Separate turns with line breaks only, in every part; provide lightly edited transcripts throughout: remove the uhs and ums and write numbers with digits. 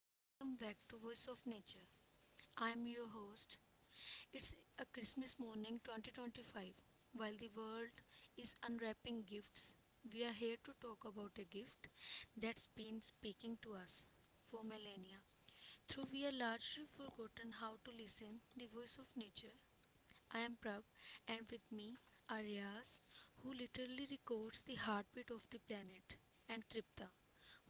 and welcome back to Voice of Nature. I am your host. It's a Christmas morning 2025. While the world is unwrapping gifts, we are here to talk about a gift that's been speaking to us for millennia. Though we are largely forgotten how to listen, the voice of nature. I am Prab, and with me are Riaz, who literally records the heartbeat of the planet, and Tripta,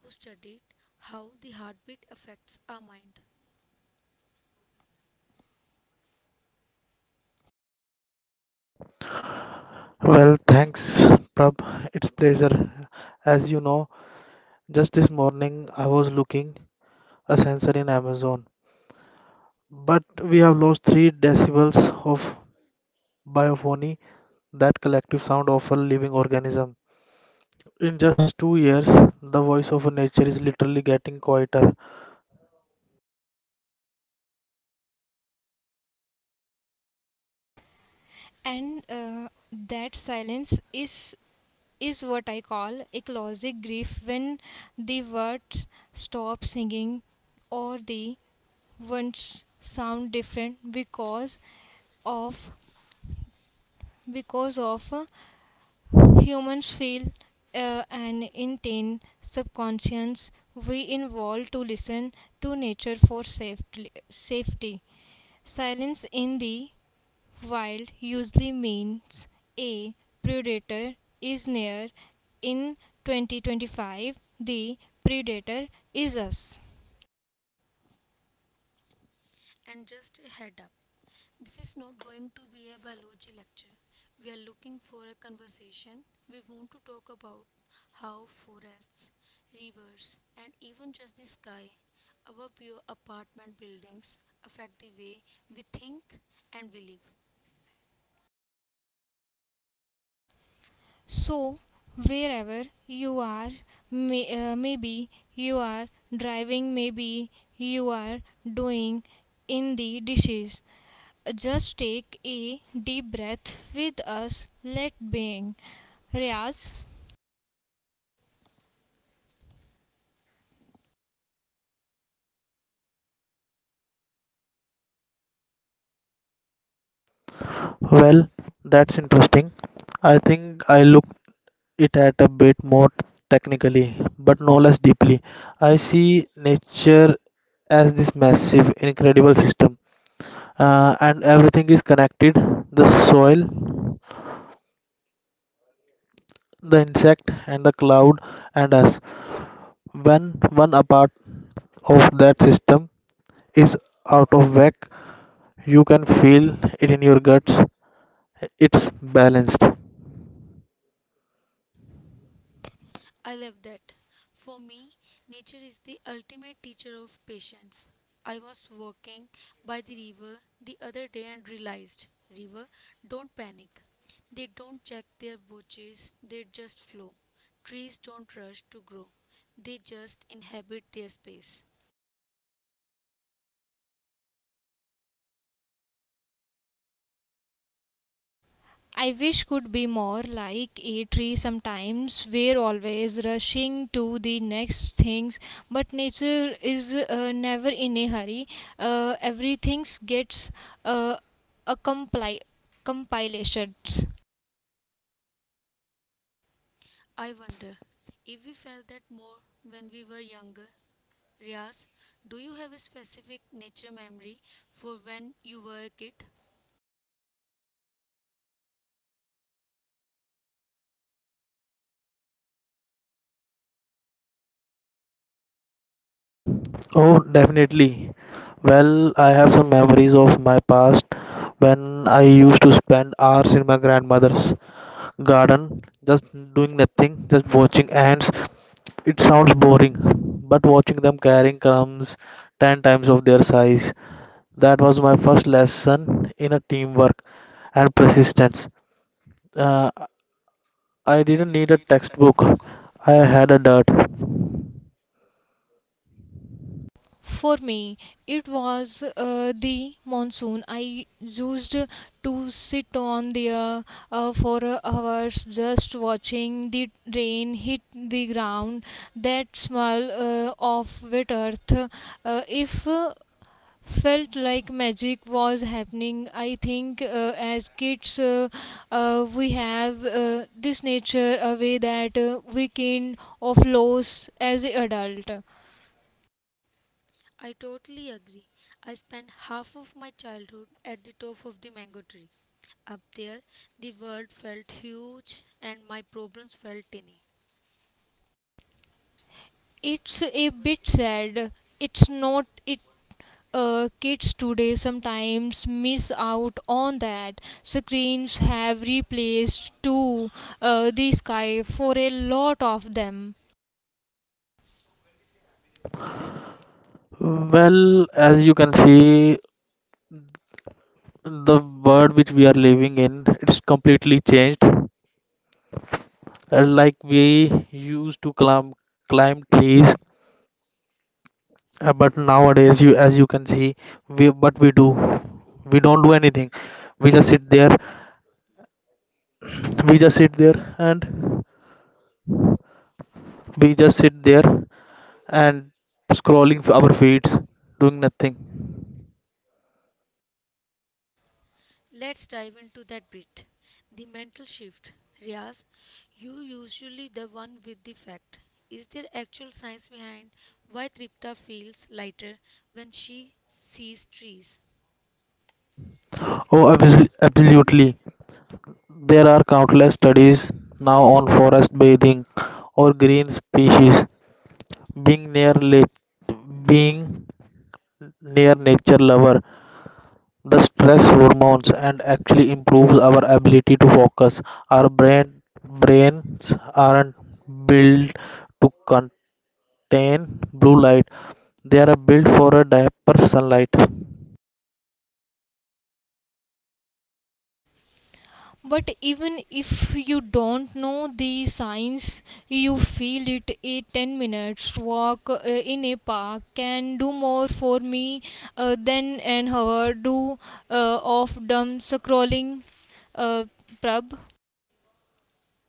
who studied how the heartbeat affects our mind.
Well, thanks, Prab. It's pleasure. As you know, just this morning I was looking a sensor in Amazon, but we have lost three decibels of biophony, that collective sound of a living organism. In just 2 years, the voice of nature is literally getting quieter.
And just a head up, this is not going to be a biology lecture. We are looking for a conversation. We want to talk about how forests, rivers, and even just the sky above your apartment buildings affect the way we think and we live.
Well, that's interesting. I think I look it at a bit more technically, but no less deeply. I see nature as this massive, incredible system and everything is connected the soil, the insect, and the cloud, and us. When one a part of that system is out of whack, you can feel it in your guts. It's balanced.
I love that. For me, nature is the ultimate teacher of patience. I was walking by the river the other day and realized, river, don't panic. They don't check their watches, they just flow. Trees don't rush to grow, they just inhabit their space. I wonder if we felt that more when we were younger. Riaz, do you have a specific nature memory for when you were a kid?
Oh, definitely. Well, I have some memories of my past when I used to spend hours in my grandmother's garden just doing nothing, just watching ants. It sounds boring, but watching them carrying crumbs 10 times of their size, that was my first lesson in a teamwork and persistence. Uh, I didn't need a textbook. I had a dirt.
I totally agree. I spent half of my childhood at the top of the mango tree. Up there, the world felt huge and my problems felt tiny.
Well, as you can see, the world which we are living in, it's completely changed. Like we used to climb trees. But nowadays, you as you can see, we but we do, we don't do anything. We just sit there, we just sit there, and we just sit there and scrolling our feeds, doing nothing.
Let's dive into that bit. The mental shift. Riaz, you usually the one with the fact. Is there actual science behind why Tripta feels lighter when she sees trees?
Oh, absolutely. There are countless studies now on forest bathing or green species. Being being near nature lover the stress hormones and actually improves our ability to focus our brains aren't built to contain blue light. They are built for a diaper sunlight.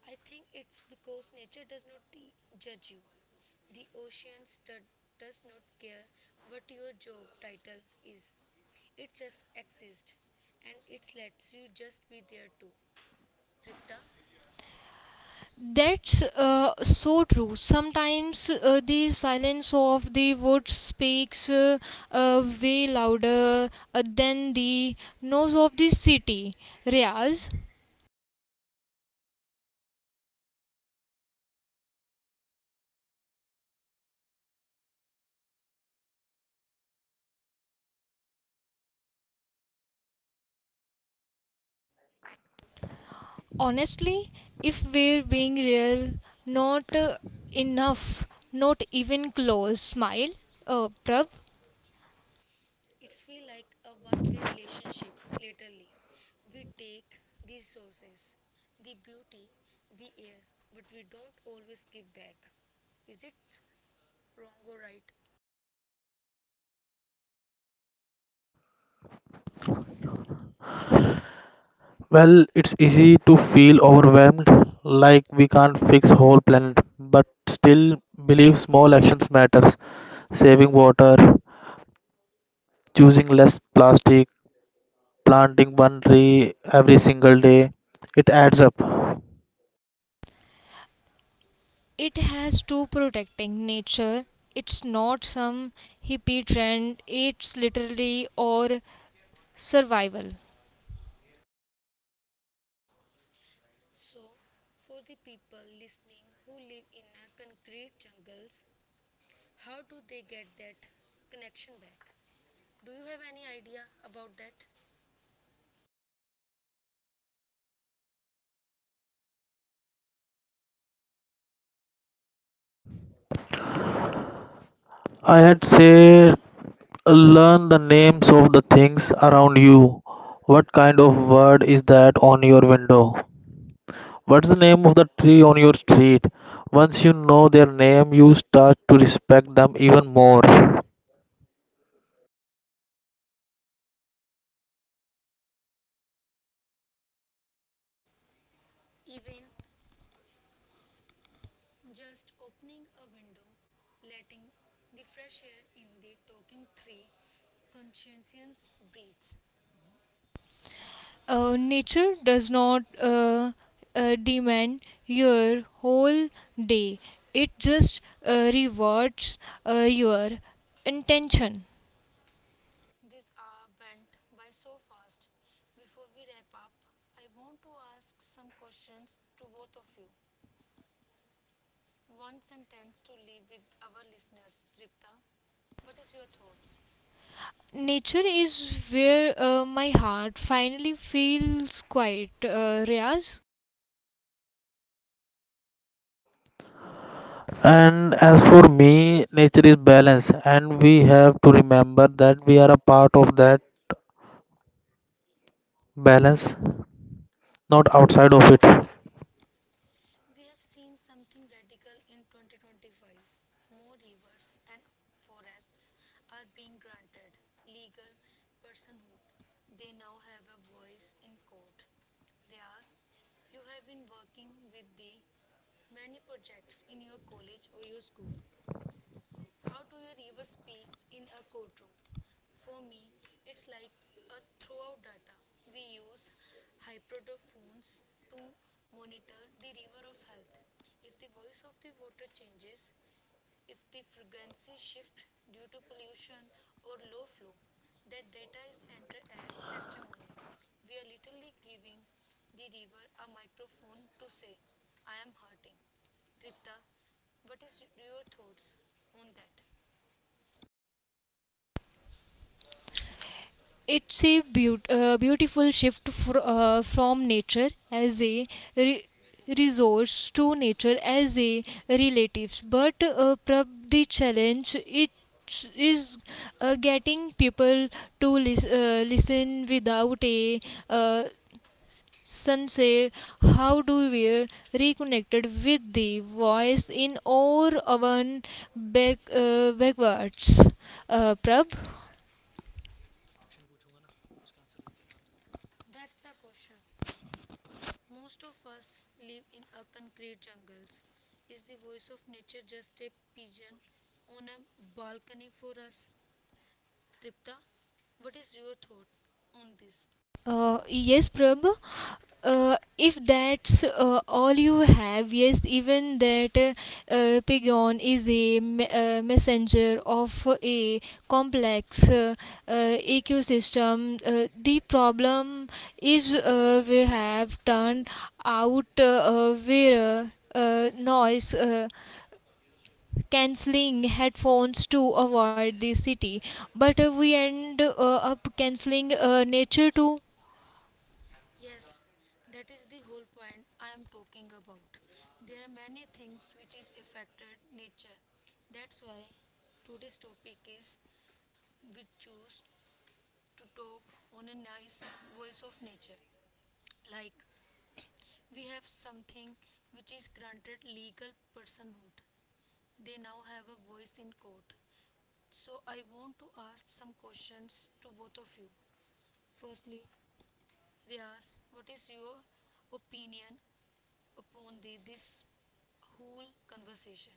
I think it's because nature does not judge you. The does not care what your job title is. It just exists and it lets you just be there too. Tripta, it's feel like a one-way relationship. Literally, we take the resources, the beauty, the air, but we don't always give back. Is it wrong or right?
Well, it's easy to feel overwhelmed like we can't fix whole planet, but still believe small actions matters: saving water, choosing less plastic, planting one tree every single day. It adds up.
So, for the people listening who live in a concrete jungles, how do they get that connection back? Do you have any idea about that?
I had say, learn the names of the things around you. What kind of word is that on your window? What's the name of the tree on your street? Once you know their name, you start to respect them even more.
Even just opening a window, letting the fresh air in the talking tree, conscientious breathes. This hour went by so fast. Before we wrap up, I want to ask some questions to both of you. One sentence to leave with our listeners, Tripta. What is your thoughts?
And as for me, nature is balance, and we have to remember that we are a part of that balance, not
Not
outside of
outside
it.
of it. We have seen something radical in 2025. More rivers and forests are being granted legal personhood. They now have a voice in court. Riaz, you have been working with the many projects in your college or your school. How do your rivers speak in a courtroom? For me, it's like a throughout data. We use hydrophones to monitor the river of health. If the voice of the water changes, if the frequency shift due to pollution or low flow, that data is entered as testimony. We are literally giving the river a microphone to say, I am hurting. Tripta, what is your thoughts on that? That's the question. Most of us live in a concrete jungles. Is the voice of nature just a pigeon on a balcony for us? Tripta, what is your thought on this? Yes, that is the whole point I am talking about. There are many things which is affected nature. That's why today's topic is we choose to talk on a nice voice of nature. Like we have something which is granted legal personhood. They now have a voice in court. So I want to ask some questions to both of you. Firstly, Riaz, what is your opinion upon the this whole conversation?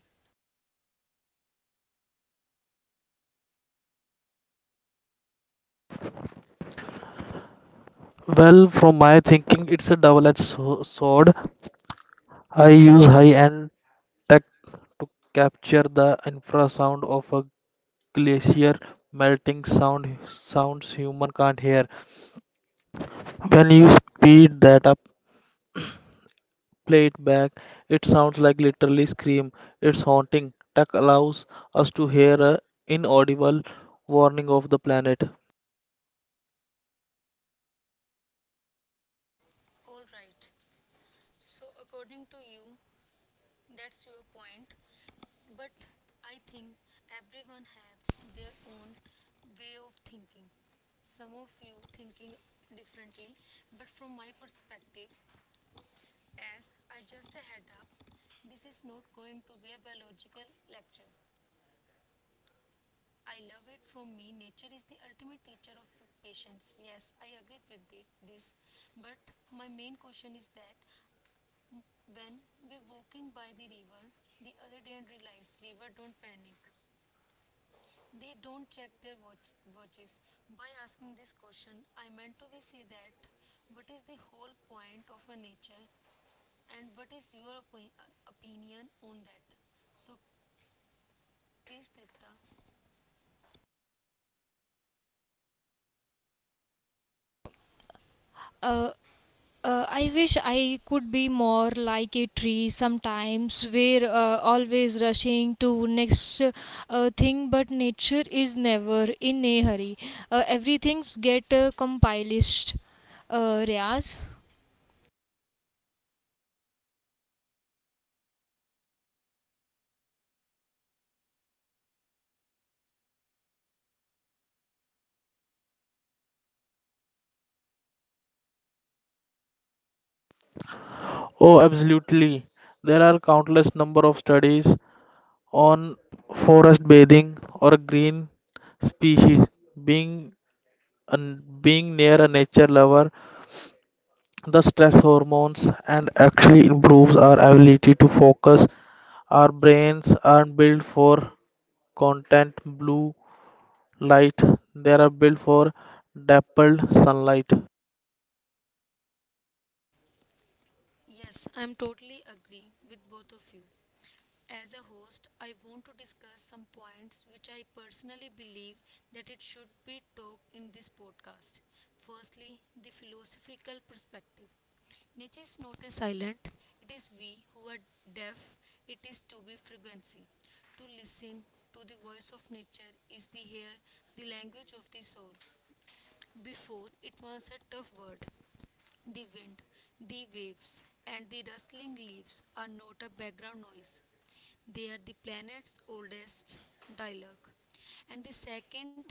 Well, from my thinking, it's a double edged sword. I use high end tech to capture the infrasound of a glacier melting sound, sounds human can't hear. When you speed that up, play it back, it sounds like literally scream. It's haunting. Tech allows us to hear a inaudible warning of the planet.
All right. So according to you, that's your point. But I think everyone have their own way of thinking. Some of you thinking differently, but from my perspective, as I just a head up, this is not going to be a biological lecture. I love it. From me, nature is the ultimate teacher of patience. Yes, I agreed with it, this. But my main question is that when we walking by the river the other day and realized river don't panic. They don't check their watches. By asking this question, I meant to be say that what is the whole point of a nature and what is your opinion on that? So, please, Tita.
Oh, absolutely. There are countless number of studies on forest bathing or green species, being an being near a nature lover the stress hormones and actually improves our ability to focus. Our brains aren't built for content blue light, they are built for dappled sunlight.
Yes, I'm totally agree with both of you. As a host, I want to discuss some points which I personally believe that it should be talked in this podcast. Firstly, the philosophical perspective. Nature is not a silent, it is we who are deaf, it is to be frequency. To listen to the voice of nature is the hear the language of the soul. Before, it was a tough word the wind, the waves, and the rustling leaves are not a background noise. They are the planet's oldest dialogue. And the second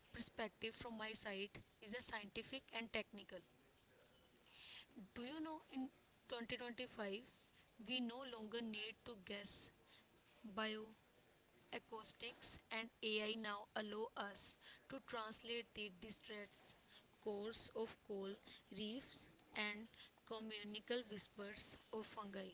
perspective from my side is a scientific and technical. Do you know in 2025 we no longer need to guess bio. Acoustics and AI now allow us to translate the distressed cores of coral reefs and communal whispers of fungi.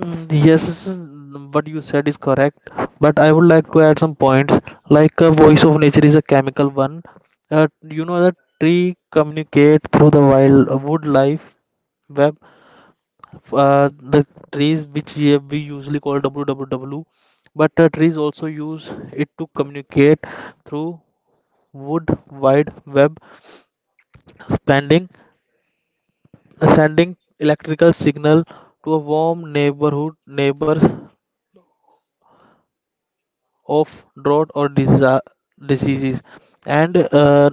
Yes, what you said is correct, but I would like to add some points. Like a voice of nature is a chemical one. uh, you know that tree communicate through the wild wood life web. Uh, the trees which, yeah, we usually call WWW, but trees also use it to communicate through wood wide web, sending sending electrical signal to a warm neighborhood neighbors of drought or diseases. And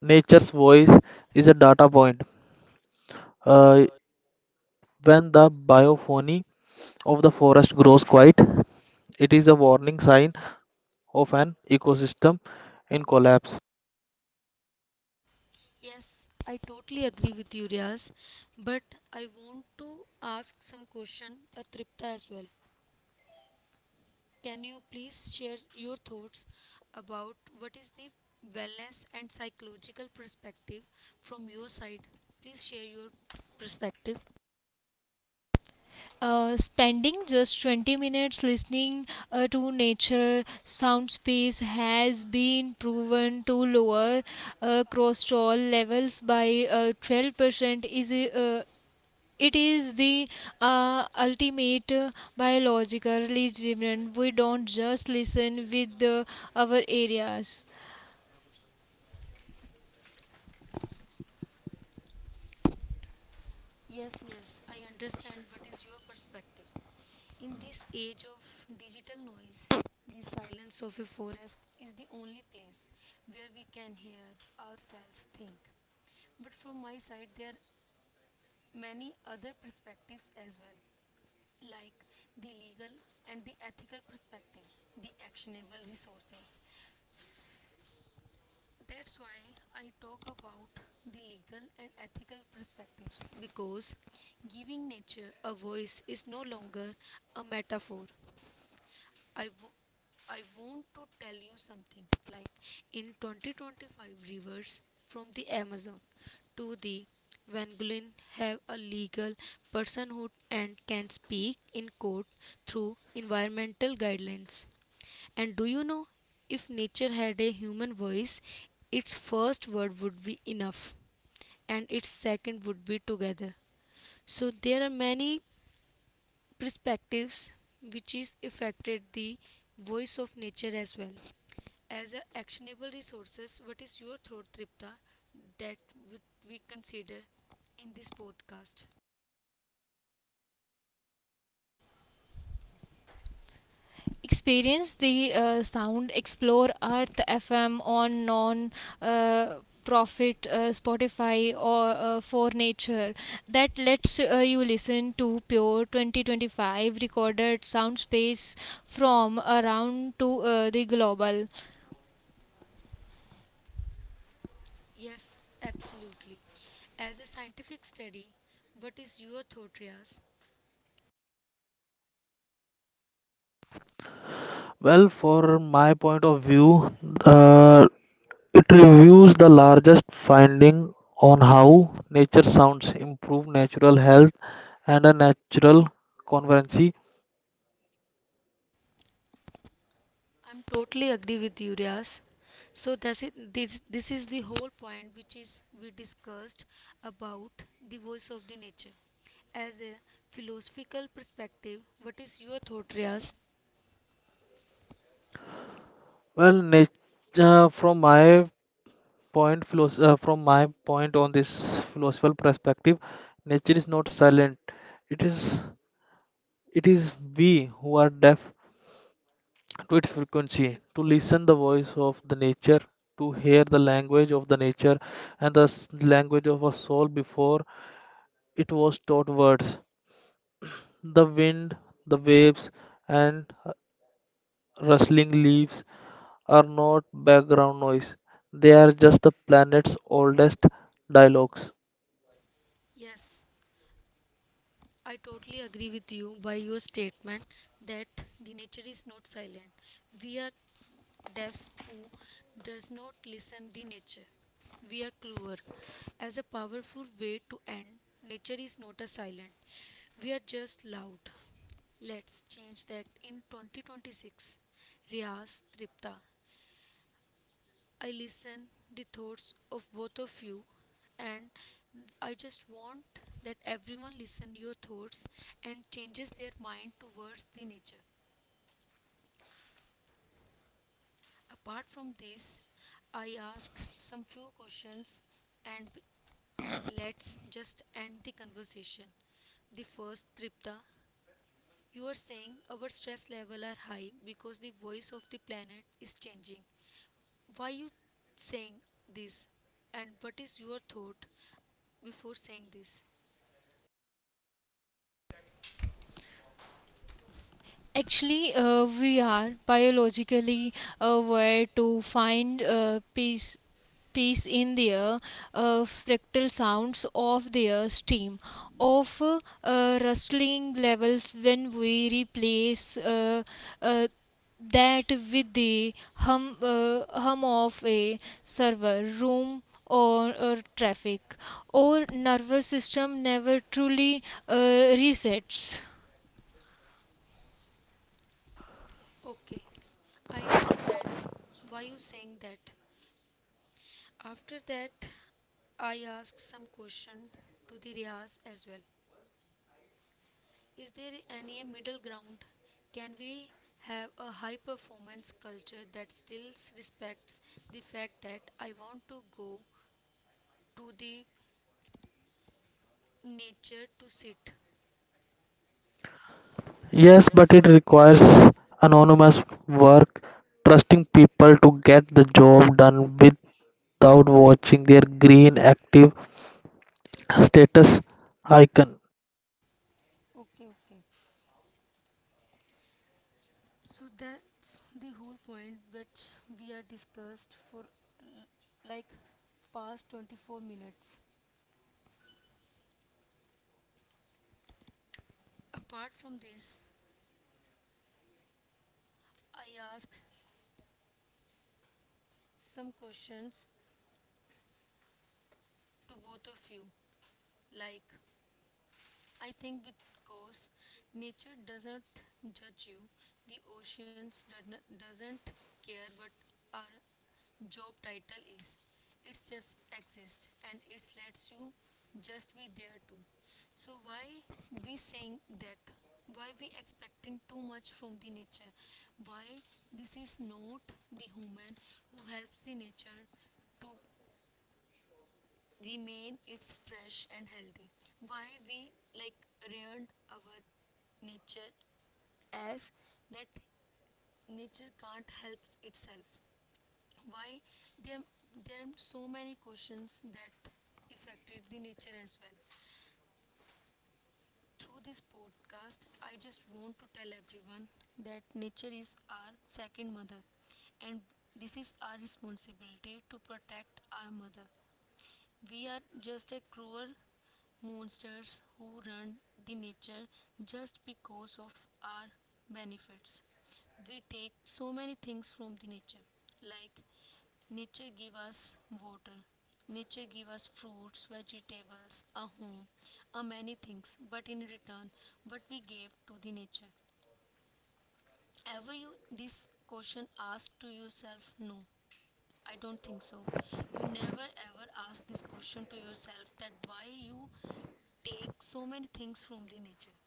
nature's voice is a data point. Uh, when the biophony of the forest grows quiet, it is a warning sign of an ecosystem in collapse.
Yes, I totally agree with you, Riaz. But I want to ask some question, a Tripta as well. Can you please share your thoughts about what is the wellness and psychological perspective from your side? Please share your perspective.
Spending just 20 minutes listening to nature sound space has been proven to lower cholesterol levels by 12% is it is the ultimate, biologically driven. We don't just listen with our areas.
Yes, yes, I understand what is your perspective. In this age of digital noise, the silence of a forest is the only place where we can hear ourselves think. But from my side, there are many other perspectives as well, like the legal and the ethical perspective, the actionable resources, that's why I talk about the legal and ethical perspectives because giving nature a voice is no longer a metaphor. I, w- I want to tell you something. Like in 2025, rivers from the Amazon to the Vanguin have a legal personhood and can speak in court through environmental guidelines. And do you know if nature had a human voice, its first word would be enough and its second would be together. So there are many perspectives which is affected the voice of nature as well as a actionable resources. What is your thought, Tripta, that would we consider in this podcast?
Experience the sound, explore earth fm on non uh, profit spotify or for nature that lets you listen to pure 2025 recorded sound space from around to the global.
Yes, absolutely. As a scientific study, what is your thought, Riaz?
Well, for my point of view, uh, it reviews the largest finding on how nature sounds improve natural health and a natural convergency.
I'm totally agree with you, Riaz. So that's it. This is the whole point which is we discussed about the voice of the nature. As a philosophical perspective, what is your thought, Riaz?
Well, nature from my from my point on this philosophical perspective, nature is not silent. It is it is we who are deaf to its frequency, to listen the voice of the nature, to hear the language of the nature, and language of a soul before it was taught words. The wind, the waves, and rustling leaves are not background noise, they are just the planet's oldest dialogues.
Yes. I totally agree with you by your statement that the nature is not silent. We are deaf who does not listen the nature. We are clever. As a powerful way to end, nature is not a silent. We are just loud. Let's change that in 2026. Riaz, Tripta. I listen the thoughts of both of you, and I just want that everyone listen your thoughts and changes their mind towards the nature. Apart from this, I ask some few questions and let's just end the conversation. The first, Tripta, you are saying our stress level are high because the voice of the planet is changing. Why you saying this and what is your thought? Before saying this.
Actually we are biologically aware to find peace piece in their fractal sounds of their steam of rustling levels. When we replace uh, that with the hum of a server room or traffic, our nervous system never truly resets.
Okay, I understand why you saying that. After that, I ask some question to the Riaz as well. Is there any middle ground? Can we have a high performance culture that still respects the fact that I want to go to the nature to sit?
Yes,
Yes,
but it
but.
requires anonymous work, trusting people to get the job done without watching their green active status icon.
Okay, okay. So that's the whole point which we are discussed for like past 24 minutes. Apart from this, I ask some questions to both of you like I think because nature doesn't judge you, the oceans doesn't care what our job title is. It just exists and it lets you just be there too. So why we saying that? Why we expecting too much from the nature? Why this is not the human who helps the nature to remain it's fresh and healthy? Why we like ruined our nature as that nature can't help itself? Why there there are so many questions that affected the nature as well? Through this podcast, I just want to tell everyone that nature is our second mother, and this is our responsibility to protect our mother. We are just a cruel monsters who run the nature just because of our benefits. We take so many things from the nature, like nature give us water, nature give us fruits, vegetables, a home, a many things. But in return, what we gave to the nature. Ever you this question asked to yourself? No, I don't think so. You never ever ask this question to yourself that why you take so many things from the nature.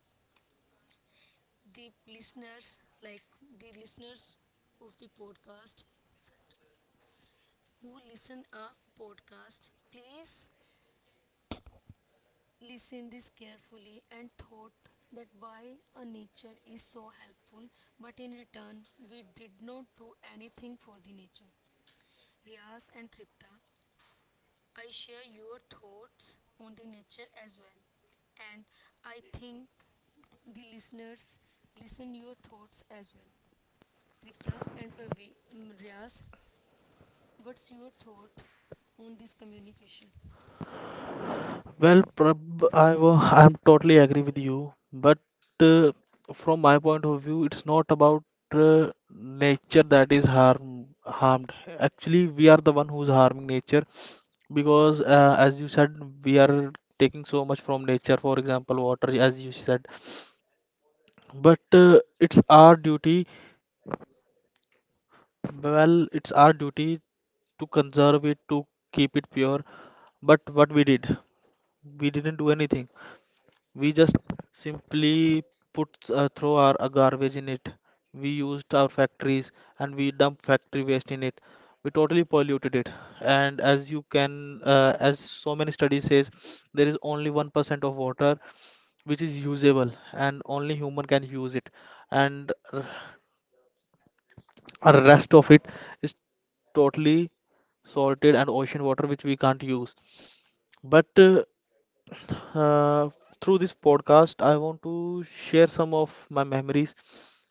The listeners, like the listeners of the podcast who listen our podcast, please listen this carefully and thought that why a nature is so helpful, but in return we did not do anything for the nature. Riaz and Tripta, I share your thoughts on the nature as well, and I think the listeners listen your thoughts as well. Tripta and what's your thought on this communication?
Well, I'm totally agree with you, but uh, from my point of view it's not about nature that is harmed. Actually we are the one who's harming nature, because as you said, we are taking so much from nature, for example water, as you said. But it's our duty, well it's our duty, to conserve it, to keep it pure. But what we did, we didn't do anything. We just simply put throw our garbage in it. We used our factories and we dump factory waste in it. We totally polluted it. And as you can, as so many studies says, there is only 1% of water which is usable and only human can use it. And rest of it is totally salted and ocean water which we can't use. But uh, through this podcast, I want to share some of my memories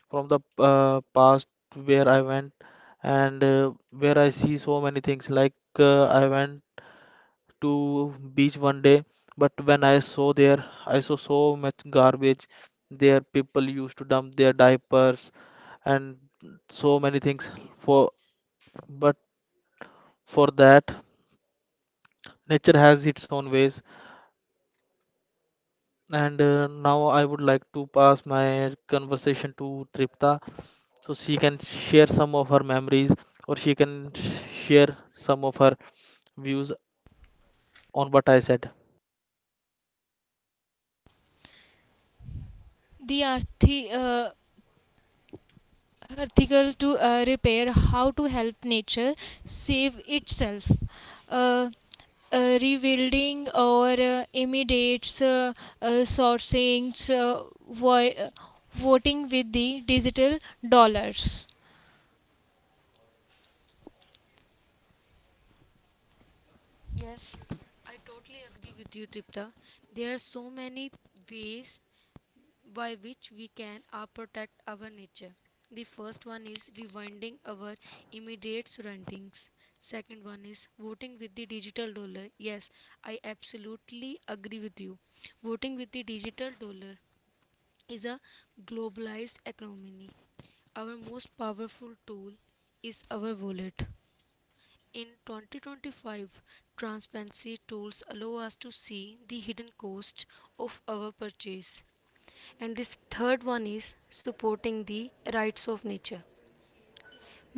from the past where I went and where I see so many things. Like I went to beach one day, but when I saw there, I saw so much garbage. There, people used to dump their diapers and so many things for. But for that, nature has its own ways. And now I would like to pass my conversation to Tripta so she can share some of her memories or she can share some of her views on what I said.
The article to repair how to help nature save itself, uh, rebuilding or immediate sourcing, uh, vo- voting with the digital dollars.
Yes, I totally agree with you, Tripta. There are so many ways by which we can protect our nature. The first one is rewinding our immediate surroundings. Second one is voting with the digital dollar. Yes, I absolutely agree with you. Voting with the digital dollar is a globalized economy. Our most powerful tool is our wallet. In 2025, transparency tools allow us to see the hidden cost of our purchase. And this third one is supporting the rights of nature.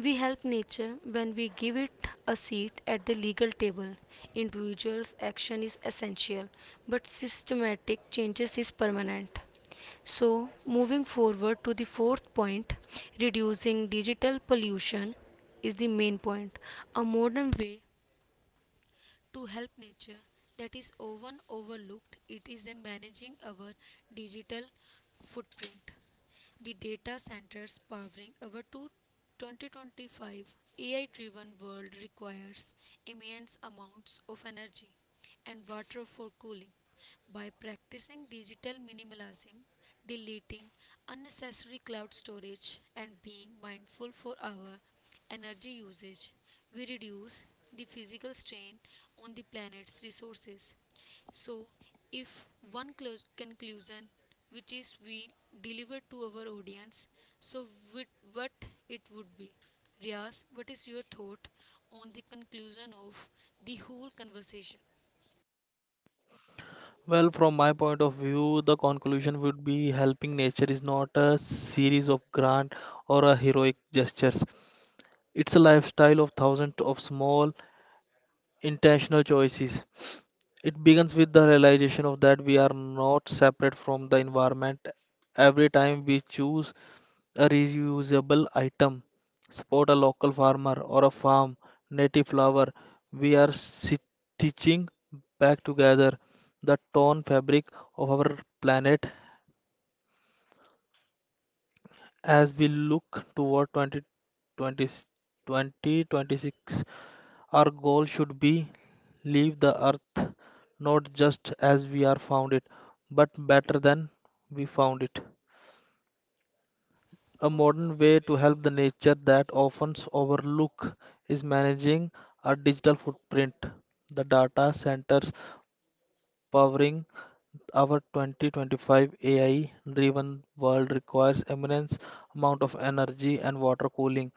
We help nature when we give it a seat at the legal table. Individuals' action is essential, but systematic changes is permanent. So, moving forward to the fourth point, reducing digital pollution is the main point. A modern way to help nature that is often overlooked it is a managing our digital footprint. The data centers powering our 2025 AI driven world requires immense amounts of energy and water for cooling. By practicing digital minimalism, deleting unnecessary cloud storage, and being mindful for our energy usage, we reduce the physical strain on the planet's resources. So, if one close conclusion, which is we deliver to our audience, so with what it would be? Riaz, what is your thought on the conclusion of the whole conversation?
Well, from my point of view, the conclusion would be helping nature is not a series of grand or a heroic gestures. It's a lifestyle of thousands of small intentional choices. It begins with the realization of that we are not separate from the environment. Every time we choose a reusable item, support a local farmer or a farm, native flower. We are stitching back together the torn fabric of our planet as we look toward 2020, 2026. Our goal should be leave the earth not just as we are found it, but better than we found it. A modern way to help the nature that often overlooked is managing our digital footprint. The data centers powering our 2025 AI driven world requires immense amount of energy and water cooling.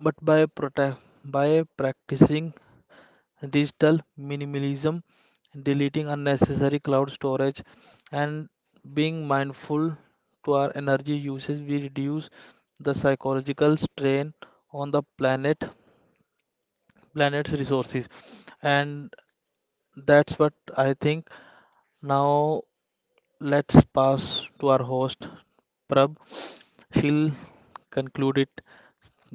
But by by practicing digital minimalism, deleting unnecessary cloud storage, and being mindful to our energy usage, we reduce the psychological strain on the planet, planet's resources. And that's what I think. Now let's pass to our host, Prab. She'll conclude it,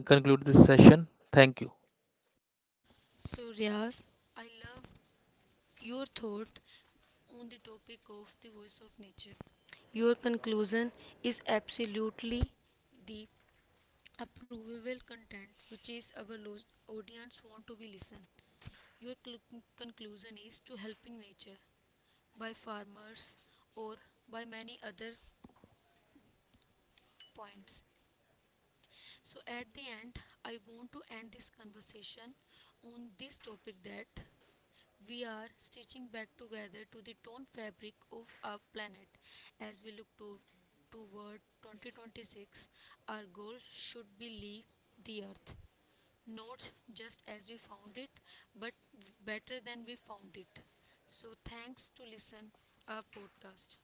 conclude this session. Thank you.
So Riaz, I love your thought on the topic of the voice of nature. Your conclusion is absolutely the approvable content which is our audience want to be listened. Your conclusion is to helping nature by farmers or by many other points. So at the end, I want to end this conversation on this topic that we are stitching back together to the torn fabric of our planet. As we toward 2026, our goal should be leave the Earth. Not just as we found it, but better than we found it. So thanks to listen our podcast.